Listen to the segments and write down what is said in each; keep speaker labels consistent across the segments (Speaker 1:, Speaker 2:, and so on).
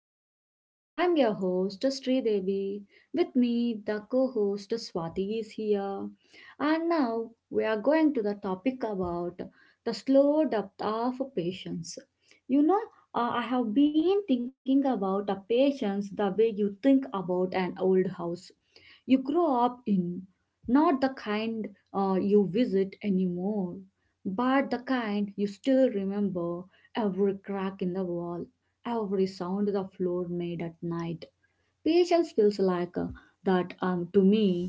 Speaker 1: episode. I'm your host Sri Devi. With me, the co-host Swati is here. And now we are going to the topic about the slow depth of patience. You know, I have been thinking about a patience the way you think about an old house you grow up in, not the kind you visit anymore, but the kind you still remember. Every crack in the wall, every sound the floor made at night. Patience feels like that to me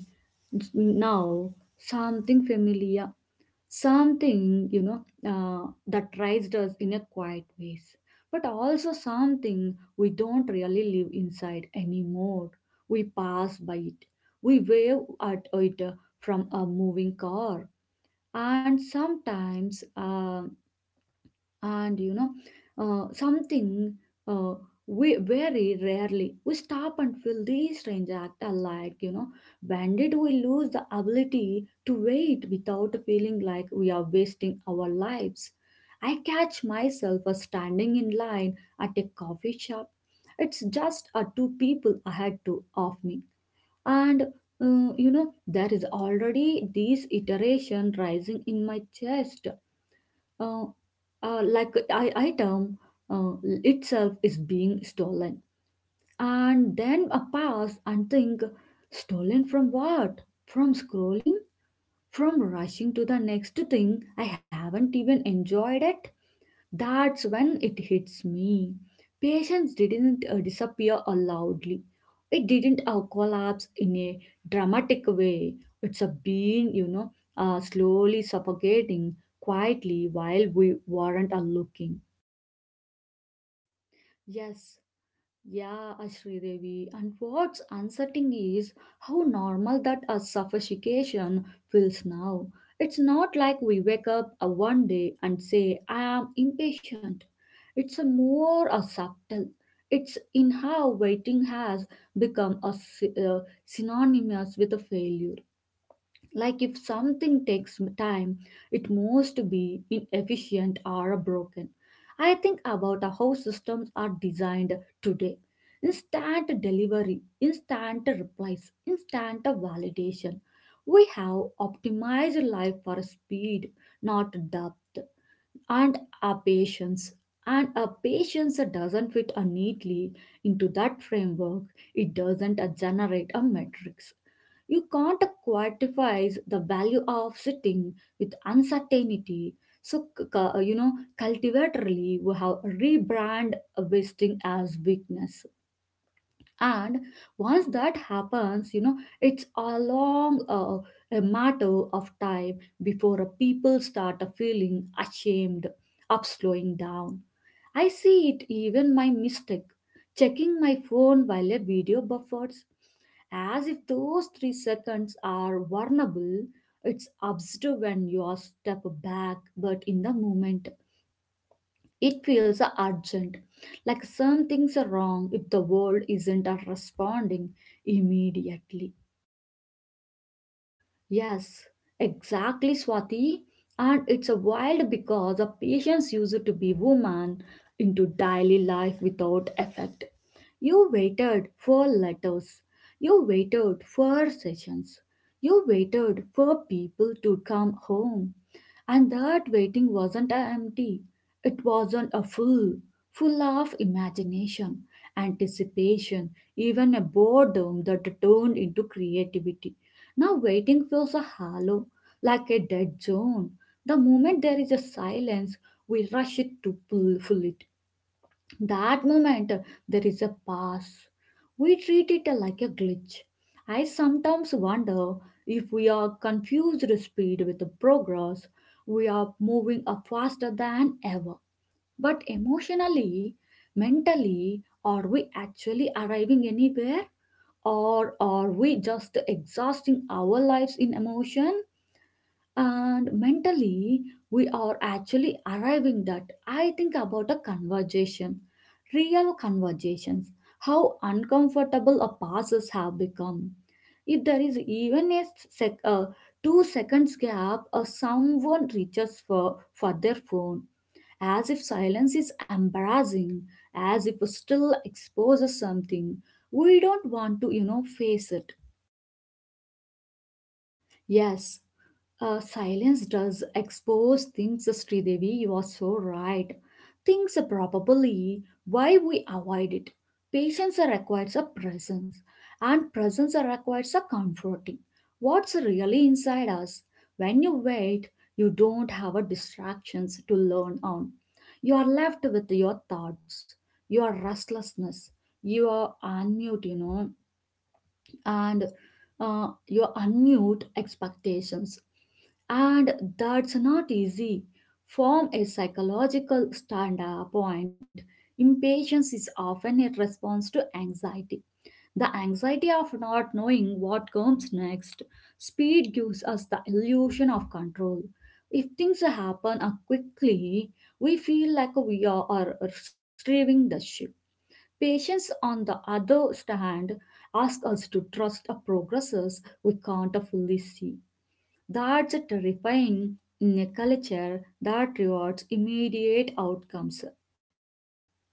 Speaker 1: now, something familiar, something that raised us in a quiet ways, but also something we don't really live inside anymore. We pass by it, we wave at it from a moving car, and sometimes. And you know something uh, we very rarely we stop and feel these strange act are, like when did we lose the ability to wait without feeling like we are wasting our lives? I catch myself standing in line at a coffee shop. It's just two people ahead to of me, and there is already this iteration rising in my chest, uh, like I, item uh, itself is being stolen. And then a pause and think, stolen from what? From scrolling, from rushing to the next thing. I haven't even enjoyed it. That's when it hits me. Patience didn't disappear loudly. It didn't collapse in a dramatic way. It's a been, slowly suffocating quietly while we weren't looking.
Speaker 2: Yes, yeah, Ashri Devi. And what's unsettling is how normal that a suffocation feels now. It's not like we wake up one day and say, I am impatient. It's a more a subtle. It's in how waiting has become a synonymous with a failure. Like if something takes time, it must be inefficient or broken. I think about how systems are designed today. Instant delivery, instant replies, instant validation. We have optimized life for speed, not depth and a patience. And a patience doesn't fit a neatly into that framework. It doesn't generate a matrix. You can't quantify the value of sitting with uncertainty. So, cultivatorily, we have rebrand wasting as weakness. And once that happens, it's a long a matter of time before a people start a feeling ashamed of slowing down. I see it even my mistake, checking my phone while a video buffers, as if those 3 seconds are vulnerable. It's absurd when you are step back, but in the moment. It feels urgent, like something's wrong if the world isn't responding immediately.
Speaker 1: Yes, exactly, Swati. And it's a wild because a patience used to be woman into daily life without effect. You waited for letters. You waited for sessions. You waited for people to come home. And that waiting wasn't a empty. It wasn't a full, full of imagination, anticipation, even a boredom that turned into creativity. Now waiting feels a hollow, like a dead zone. The moment there is a silence, we rush it to fill it. That moment, there is a pass. We treat it like a glitch. I sometimes wonder if we are confused speed with the progress. We are moving up faster than ever. But emotionally, mentally, are we actually arriving anywhere? Or are we just exhausting our lives in emotion? And mentally we are actually arriving, that I think about a conversation, real conversations, how uncomfortable our passes have become. If there is even a sec- uh, 2 seconds gap, or someone reaches for their phone, as if silence is embarrassing, as if it still exposes something we don't want to face it.
Speaker 2: Yes, silence does expose things, Sridevi. You are so right. Things are probably why we avoid it. Patience are requires a presence, and presence are requires a comforting. What's really inside us? When you wait, you don't have a distractions to learn on. You are left with your thoughts, your restlessness, your unmute, and your unmute expectations. And that's not easy. From a psychological standpoint, impatience is often a response to anxiety. The anxiety of not knowing what comes next. Speed gives us the illusion of control. If things happen quickly, we feel like we are steering the ship. Patients, on the other hand, ask us to trust a progresses we can't fully see. That's a terrifying in a culture that rewards immediate outcomes.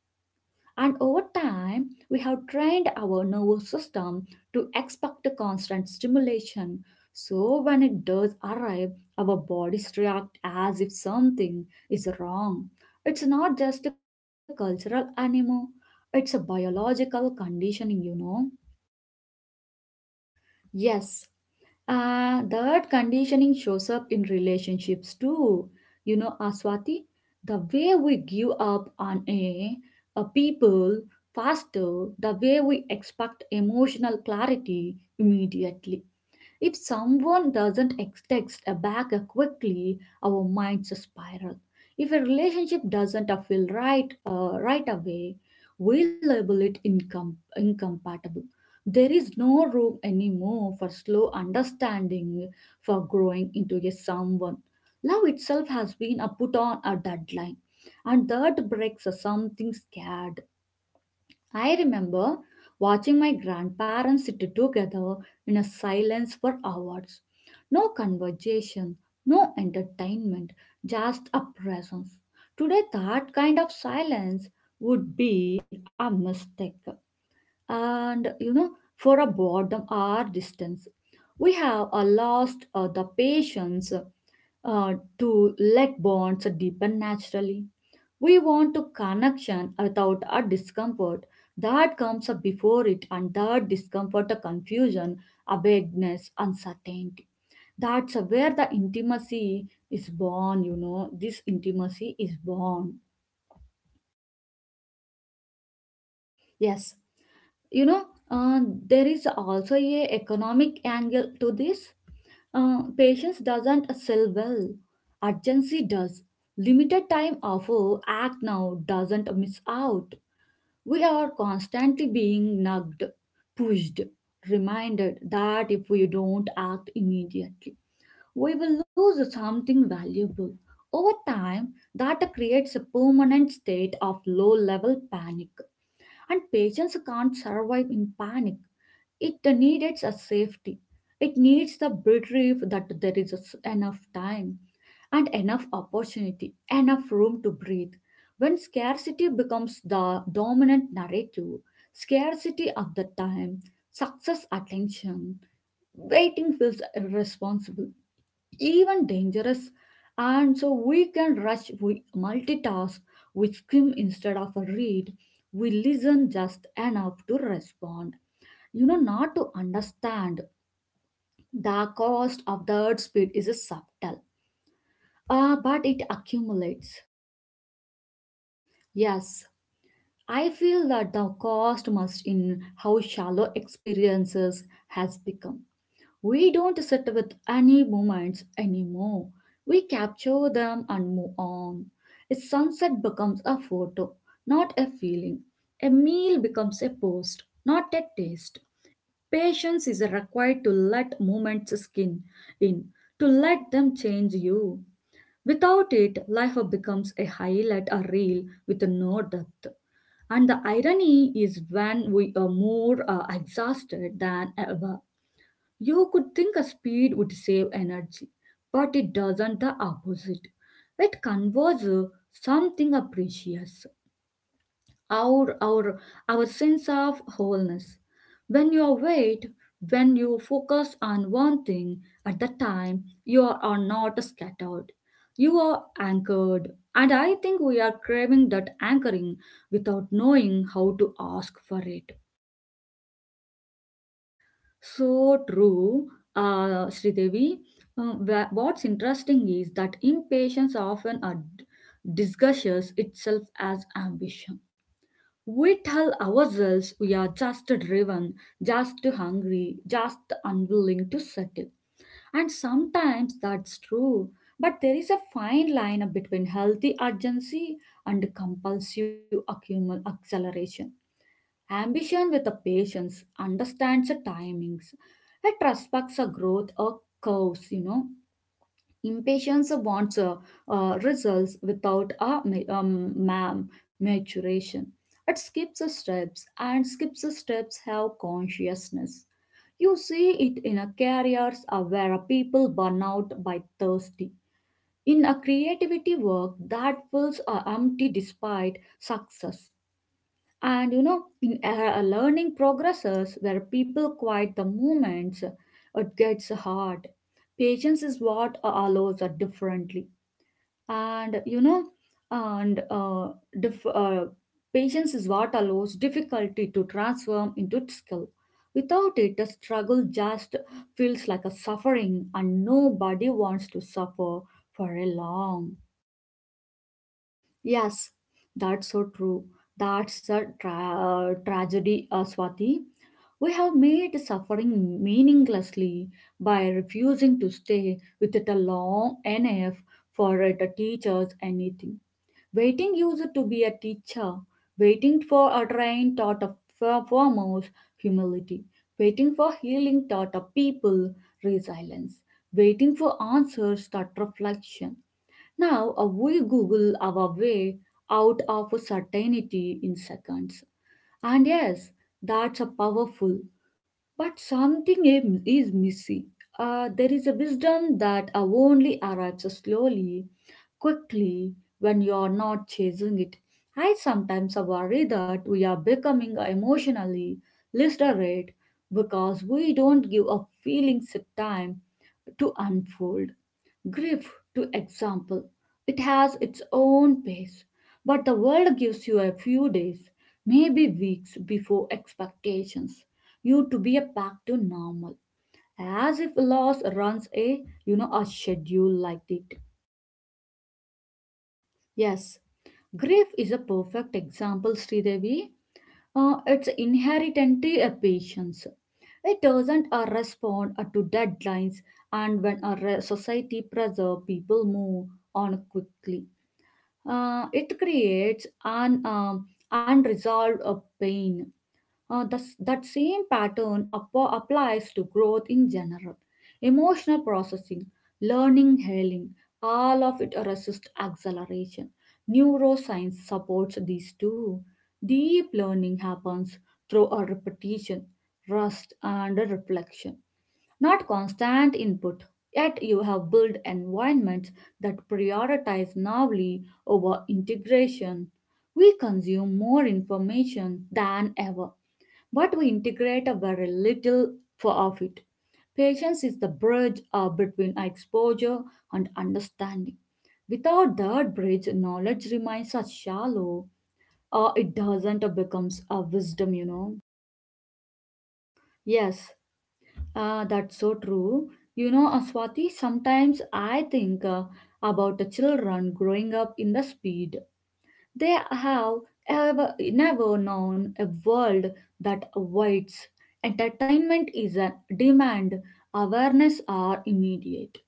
Speaker 2: And over time, we have trained our nervous system to expect a constant stimulation. So when it does arrive, our bodies react as if something is wrong. It's not just a cultural animal, it's a biological conditioning.
Speaker 1: Yes. That conditioning shows up in relationships too. Swati, the way we give up on a people faster, the way we expect emotional clarity immediately. If someone doesn't text a back quickly, our minds spiral. If a relationship doesn't feel right right away, we label it incompatible. There is no room anymore for slow understanding, for growing into a someone. Love itself has been put on a deadline, and that breaks something scared. I remember watching my grandparents sit together in a silence for hours. No conversation, no entertainment, just a presence. Today, that kind of silence would be a mistake. And for a boredom or distance, we have lost the patience uh, to let bonds deepen naturally. We want to connection without a discomfort that comes up before it, and that discomfort a confusion, a vagueness, uncertainty. That's where the intimacy is born, This intimacy is born.
Speaker 2: Yes, you know, uh, there is also a economic angle to this. Patience doesn't sell well. Urgency does. Limited time offer, act now doesn't miss out. We are constantly being nagged, pushed, reminded that if we don't act immediately, we will lose something valuable. Over time, that creates a permanent state of low level panic and patients can't survive in panic. It needs a safety. It needs the belief that there is enough time and enough opportunity, enough room to breathe. When scarcity becomes the dominant narrative, scarcity of the time, success attention, waiting feels irresponsible even dangerous. And so we can rush, we multitask, we skim instead of read, we listen just enough to respond. Not to understand the cost of the speed is subtle, but it accumulates.
Speaker 1: Yes, I feel that the cost must in how shallow experiences has become. We don't sit with any moments anymore. We capture them and move on. A sunset becomes a photo, not a feeling. A meal becomes a post, not a taste. Patience is required to let moments skin in, to let them change you. Without it, life becomes a highlight, a reel with no depth. And the irony is when we are more exhausted than ever. You could think a speed would save energy, but it doesn't the opposite. It conveys something precious, our, our, our sense of wholeness. When you wait, when you focus on one thing at the time, you are not scattered. You are anchored. And I think we are craving that anchoring without knowing how to ask for it.
Speaker 2: So true, Sridevi. What's interesting is that impatience often disguises itself as ambition. We tell ourselves we are just driven, just hungry, just unwilling to settle. And sometimes that's true. But there is a fine line between healthy urgency and compulsive accumul acceleration. Ambition with a patience understands the timings. It respects a growth or curves. Impatience wants results without a maturation. It skips the steps, and skips the steps have consciousness. You see it in a careers where people burn out by thirsty. In a creativity work that feels empty despite success. And in a learning progresses where people quiet the moments, it gets hard. Patience is what allows it differently and you know and dif- patience is what allows difficulty to transform into skill without it the struggle just feels like a suffering and nobody wants to suffer for a long.
Speaker 1: Yes, that's so true. That's a tragedy, Swati. We have made suffering meaninglessly by refusing to stay with it a long enough for it to teach us anything. Waiting user to be a teacher, waiting for a train taught a foremost humility, waiting for healing taught a people resilience, waiting for answers taught reflection. Now we Google our way out of certainty in seconds. And yes, that's a powerful, but something is missing. There is a wisdom that only arrives slowly, quickly, when you are not chasing it. I sometimes worry that we are becoming emotionally literate because we don't give our feelings time to unfold. Grief, to example, it has its own pace, but the world gives you a few days, maybe weeks before expectations, you to be back to normal, as if loss runs a a schedule like it.
Speaker 2: Yes, grief is a perfect example, Sridevi. It's inherently a patience. It doesn't respond to deadlines, and when a society pressure people move on quickly. It creates an unresolved pain. That same pattern applies to growth in general. Emotional processing, learning, healing, all of it resist acceleration. Neuroscience supports these too. Deep learning happens through a repetition, rest, and a reflection not constant input. Yet you have built environments that prioritize novelty over integration. We consume more information than ever, but we integrate a very little for of it. Patience is the bridge between exposure and understanding. Without that bridge, knowledge remains as shallow or it doesn't becomes a wisdom.
Speaker 1: Yes, that's so true. You know, uh, Sometimes I think about the children growing up in the speed. They have never known a world that awaits. Entertainment is a demand, awareness are immediate.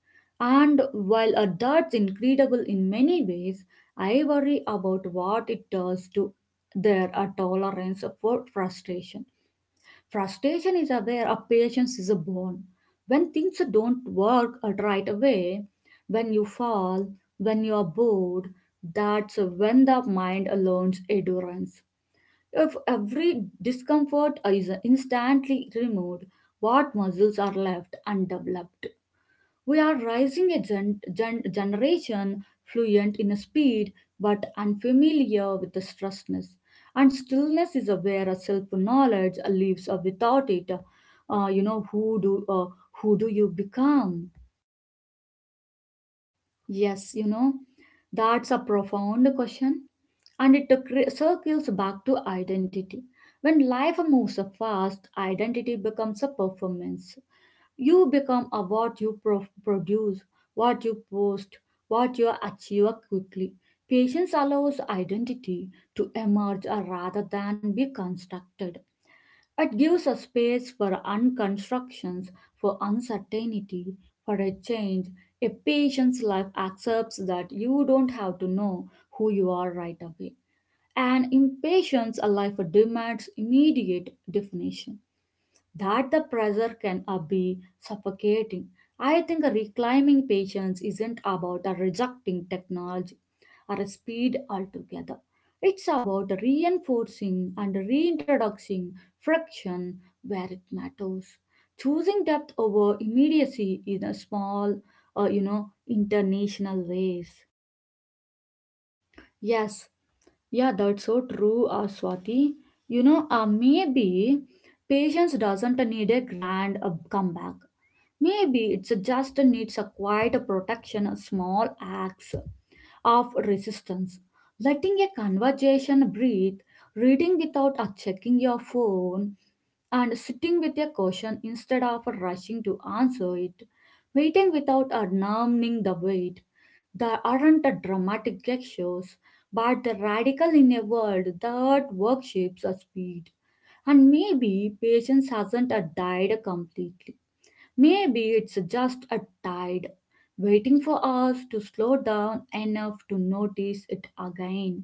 Speaker 1: And while that's incredible in many ways, I worry about what it does to their tolerance for frustration. Frustration is a where a patience is a born. When things don't work out right away, when you fall, when you are bored, that's when the mind learns endurance. If every discomfort is instantly removed, what muscles are left undeveloped? We are rising a generation fluent in speed but unfamiliar with the stressness. And stillness is where a self-knowledge lives without it. Uh, you know, who do, uh, who do you become?
Speaker 2: Yes, that's a profound question, and it circles back to identity. When life moves so fast, identity becomes a performance. You become a what you produce, what you post, what you achieve quickly. Patience allows identity to emerge rather than be constructed. It gives a space for unconstructions, for uncertainty, for a change. A patient's life accepts that you don't have to know who you are right away. An impatient's life demands immediate definition. That the pressure can be suffocating. I think reclaiming patience isn't about rejecting technology or a speed altogether. It's about reinforcing and reintroducing friction where it matters. Choosing depth over immediacy in a small, international ways.
Speaker 1: Yes, yeah, that's so true, Swati. Maybe patience doesn't need a grand comeback. Maybe it's just needs a quiet protection, a small acts of resistance. Letting a conversation breathe, reading without a checking your phone, and sitting with a caution instead of rushing to answer it, waiting without a numbing the wait. There aren't the dramatic gestures, but the radical in a world that worships a speed. And maybe patience hasn't a died completely. Maybe it's just a tide waiting for us to slow down enough to notice it again.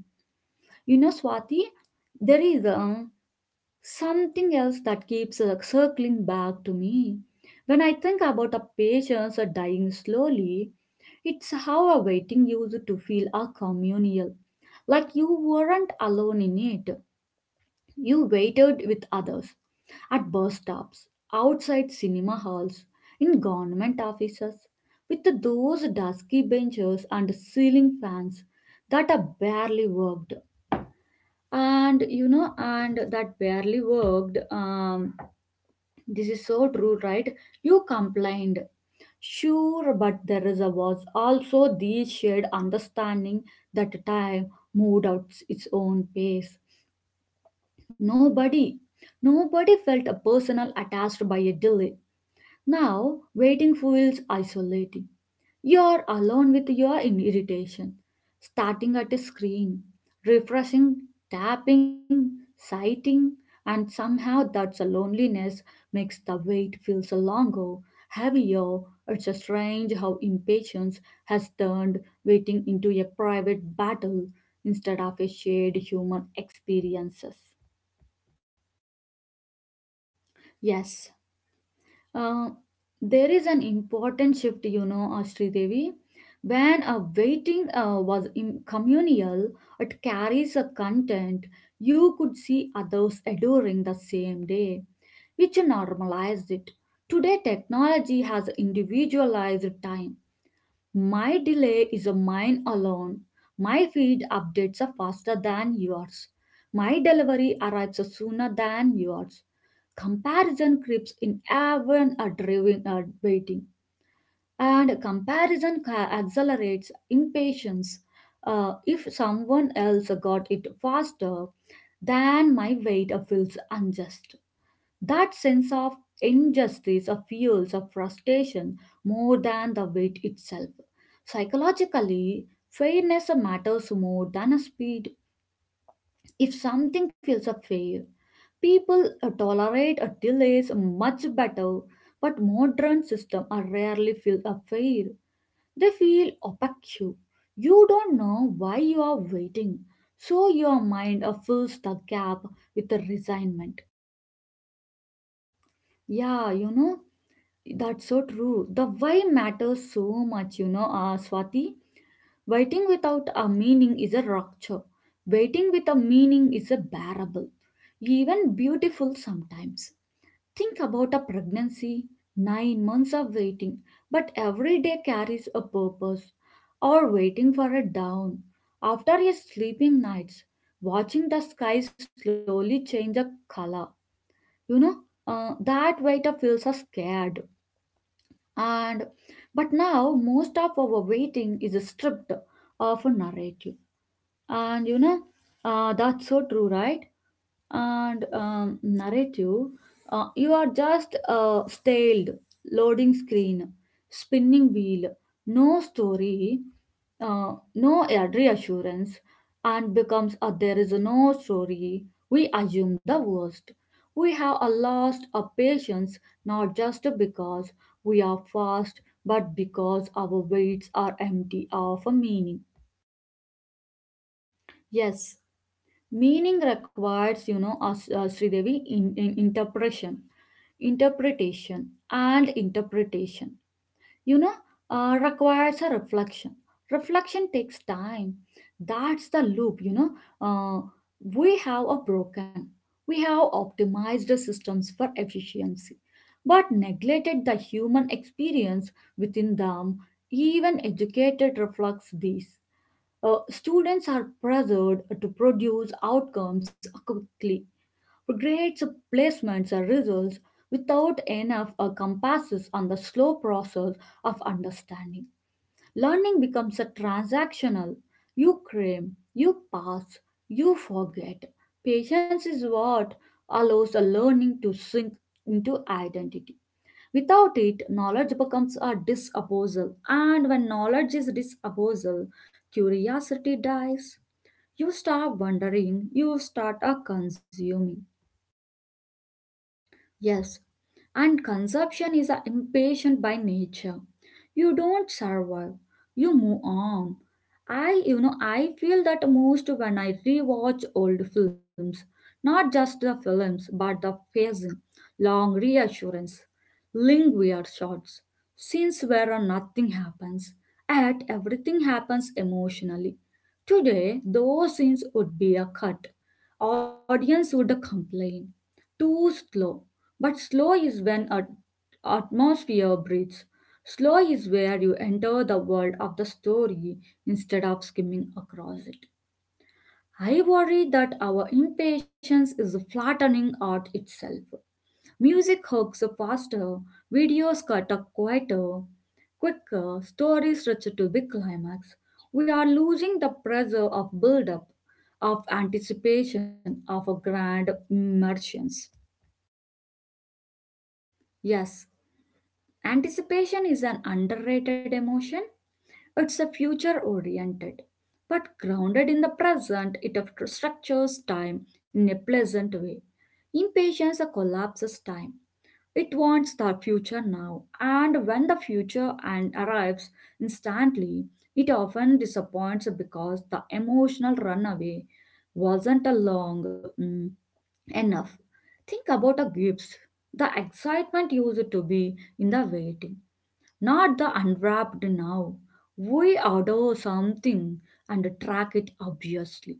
Speaker 1: You know, Swati, there is something else that keeps circling back to me. When I think about a patients dying slowly, it's how a waiting used to feel a communal, like you weren't alone in it. You waited with others at bus stops, outside cinema halls, in government offices, with those dusky benches and ceiling fans that are barely worked. And that barely worked. This is so true, right? You complained. Sure, but there is a, was also the shared understanding that time moved at its own pace. Nobody Nobody felt a personal attached by a delay. Now, waiting feels isolating. You're alone with your irritation. Starting at a screen, refreshing, tapping, sighting, and somehow that's a loneliness makes the wait feels longer, heavier. It's a strange how impatience has turned waiting into a private battle instead of a shared human experiences.
Speaker 2: Yes, Uh, there is an important shift, Sridevi. When a waiting was communal, it carries a content you could see others adoring the same day, which normalized it. Today, technology has individualized time. My delay is a mine alone. My feed updates are faster than yours. My delivery arrives sooner than yours. Comparison creeps in even a driving or waiting, and comparison accelerates impatience. If someone else got it faster, then my wait feels unjust. That sense of injustice of fuels of frustration more than the wait itself. Psychologically, fairness matters more than a speed. If something feels a failure, people tolerate a delays much better, but modern systems are rarely feel a fair. They feel opaque. You don't know why you are waiting, so your mind fills the gap with a resignment.
Speaker 1: Yeah, that's so true. The why matters so much, Swati. Waiting without a meaning is a rupture. Waiting with a meaning is a bearable, even beautiful sometimes. Think about a pregnancy, 9 months of waiting, but every day carries a purpose. Or waiting for a dawn, after a sleeping nights, watching the sky slowly change a color. You know, that waiter feels us scared and but now most of our waiting is stripped of a narrative, and that's so true, right? And narrative, you are just a stalled loading screen, spinning wheel, no story, no reassurance, and becomes a there is no story. We assume the worst. We have a lost a patience not just because we are fast, but because our weights are empty of a meaning.
Speaker 2: Yes, meaning requires as Sridevi in interpretation, interpretation and interpretation. you know, requires a reflection. Reflection takes time. That's the loop. Uh, we have a broken, we have optimized the systems for efficiency, but neglected the human experience within them. Even educated reflects this. Students are pressured to produce outcomes quickly. Regrets, placements, or results without enough compasses on the slow process of understanding. Learning becomes a transactional. You cram, you pass, you forget. Patience is what allows a learning to sink into identity. Without it, knowledge becomes a disposal, and when knowledge is disposal, curiosity dies. You stop wondering, you start a consuming.
Speaker 1: Yes, and consumption is a impatient by nature. You don't survive, you move on. I feel that most when I rewatch old films, not just the films, but the pacing, long reassurance, lingering shots, scenes where nothing happens, yet everything happens emotionally. Today, those scenes would be a cut. Audience would complain too slow. But slow is when a atmosphere breathes. Slow is where you enter the world of the story instead of skimming across it. I worry that our impatience is flattening art itself. Music hooks are faster, videos cut up quieter, quicker, stories richer to big climax. We are losing the pressure of build up, of anticipation, of a grand immersions.
Speaker 2: Yes, anticipation is an underrated emotion. It's a future oriented, but grounded in the present, it structures time in a pleasant way. Impatience collapses time. It wants the future now, and when the future and arrives instantly, it often disappoints because the emotional runaway wasn't a long enough. Think about a gift, the excitement used to be in the waiting not the unwrapped now. We order something and track it obviously.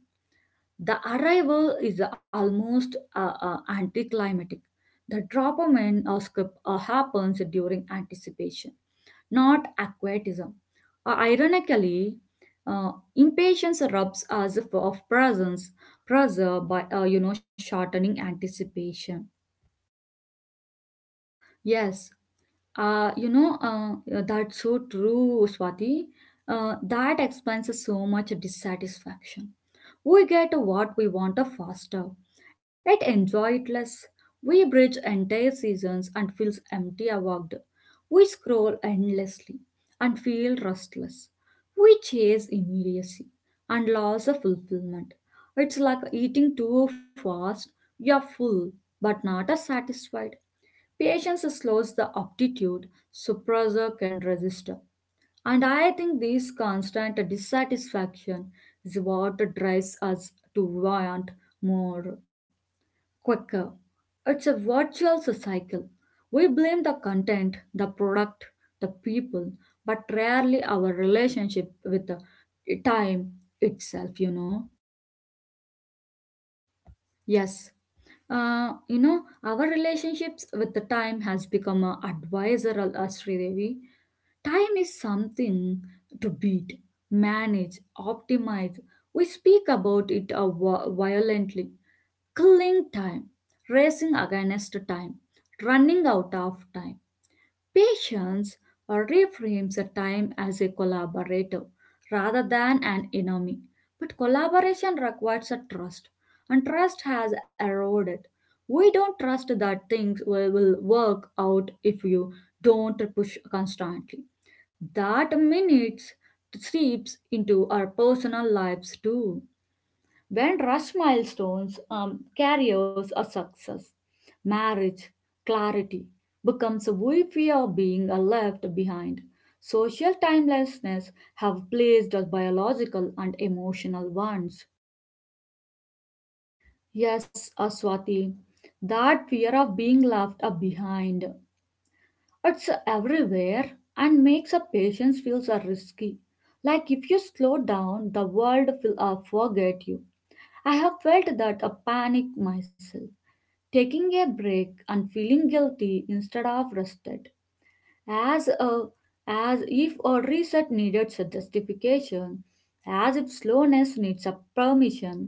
Speaker 2: The arrival is almost anticlimactic. The drop of an happens during anticipation, not aquatism. Ironically, impatience rubs us of presence, pressure by shortening anticipation.
Speaker 1: Yes, that's so true, Swati. That explains so much dissatisfaction. We get what we want faster, yet enjoy it less. We bridge entire seasons and feels empty award. We scroll endlessly and feel restless. We chase immediacy and loss of fulfillment. It's like eating too fast. You're full but not as satisfied. Patience slows the aptitude, suppressor can resist. And I think this constant dissatisfaction is what drives us to want more, quicker. It's a virtuous cycle. We blame the content, the product, the people, but rarely our relationship with the time itself,
Speaker 2: Yes. Our relationships with the time has become a advisor, Sridevi. Time is something to beat, manage, optimize. We speak about it violently, killing time, racing against time, running out of time. Patience or reframes the time as a collaborator rather than an enemy. But collaboration requires a trust, and trust has eroded. We don't trust that things will work out if you don't push constantly. That minutes seeps into our personal lives too. When rush milestones, careers, or success, marriage, clarity becomes a we fear being left behind. Social timelessness have placed us biological and emotional ones.
Speaker 1: Yes, Aswati, that fear of being left behind, it's everywhere and makes a patient's feels are risky. Like if you slow down, the world will forget you. I have felt that a panic myself. Taking a break and feeling guilty instead of rested, as a as if a reset needed a justification, as if slowness needs a permission.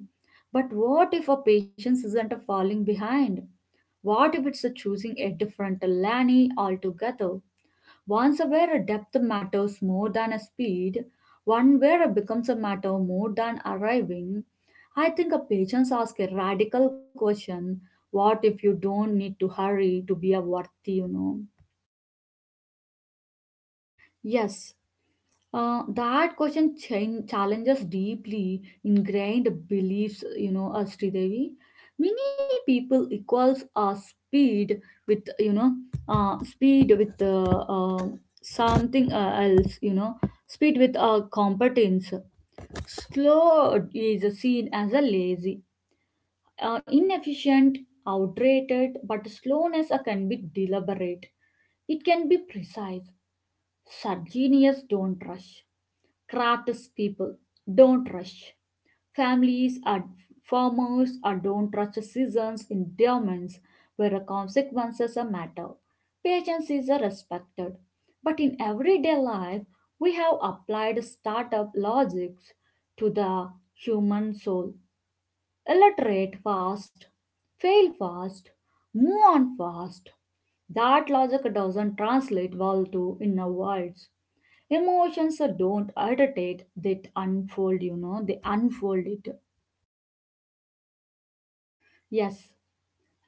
Speaker 1: But what if a patient isn't falling behind? What if it's choosing a different lane altogether? Once where a depth matters more than a speed, one where it becomes a matter more than arriving, I think a patients ask a radical question, what if you don't need to hurry to be a worthy, you know?
Speaker 2: Yes, That question challenges deeply ingrained beliefs, as Devi. Many people equals speed with, speed with something else, speed with competence. Slow is seen as a lazy, inefficient, outdated, but slowness can be deliberate. It can be precise. Such genius don't rush crafts people don't rush. Families are farmers are don't rush seasons in domains where the consequences are matter. Patience is a respected. But in everyday life, we have applied startup logics to the human soul. Illiterate fast, fail fast, move on fast. That logic doesn't translate well to inner worlds. Emotions don't irritate, they unfold, they unfold it.
Speaker 1: Yes,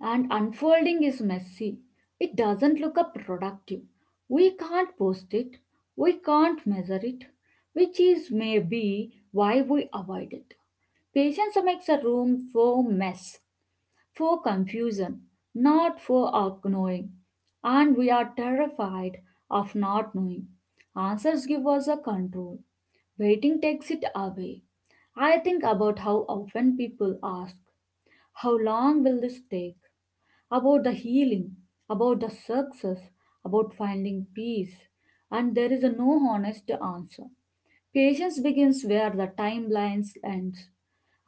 Speaker 1: and unfolding is messy. It doesn't look up productive. We can't post it, we can't measure it, which is maybe why we avoid it. Patience makes a room for mess, for confusion, not for ignoring. And we are terrified of not knowing. Answers give us a control, waiting takes it away. I think about how often people ask, how long will this take? About the healing, about the success, about finding peace, and there is a no honest answer. Patience begins where the timelines end,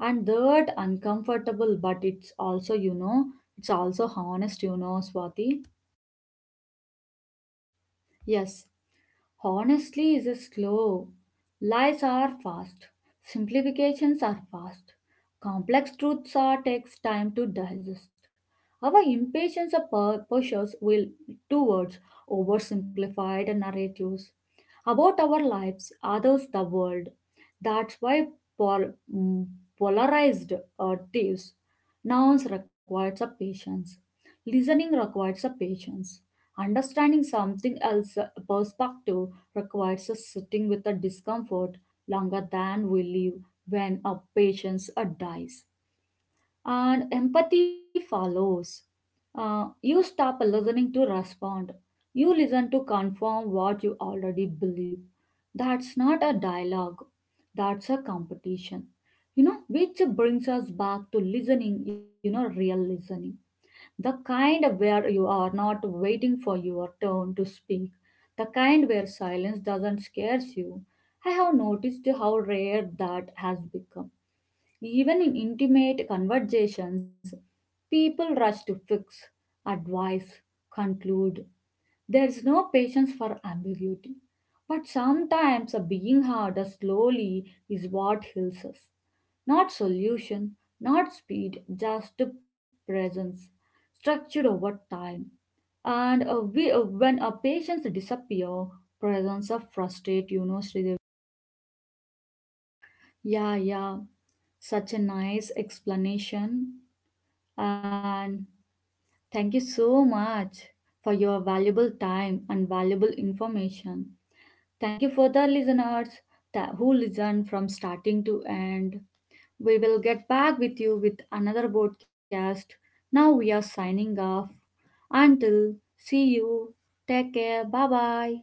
Speaker 1: and that uncomfortable, but it's also honest, Swati.
Speaker 2: Yes, honestly is slow. Lies are fast. Simplifications are fast. Complex truths are takes time to digest. Our impatience pushes will towards oversimplified narratives about our lives, others, the world. That's why pol- mm, polarized thieves nouns requires a patience. Listening requires a patience understanding something else perspective requires us sitting with the discomfort longer than we live when a patient dies. And empathy follows. You stop listening to respond. You listen to confirm what you already believe. That's not a dialogue, that's a competition. Which brings us back to listening, real listening the kind where you are not waiting for your turn to speak. The kind where silence doesn't scare you. I have noticed how rare that has become. Even in intimate conversations, people rush to fix, advise, conclude. There's no patience for ambiguity. But sometimes a being harder slowly is what heals us. Not solution, not speed, just presence, structured over time. And when a patience disappear, presence of frustrate, Sridevi.
Speaker 1: Yeah, yeah, such a nice explanation. And thank you so much for your valuable time and valuable information. Thank you for the listeners who listened from starting to end. We will get back with you with another broadcast. Now we are signing off. Until, see you. Take care, bye bye.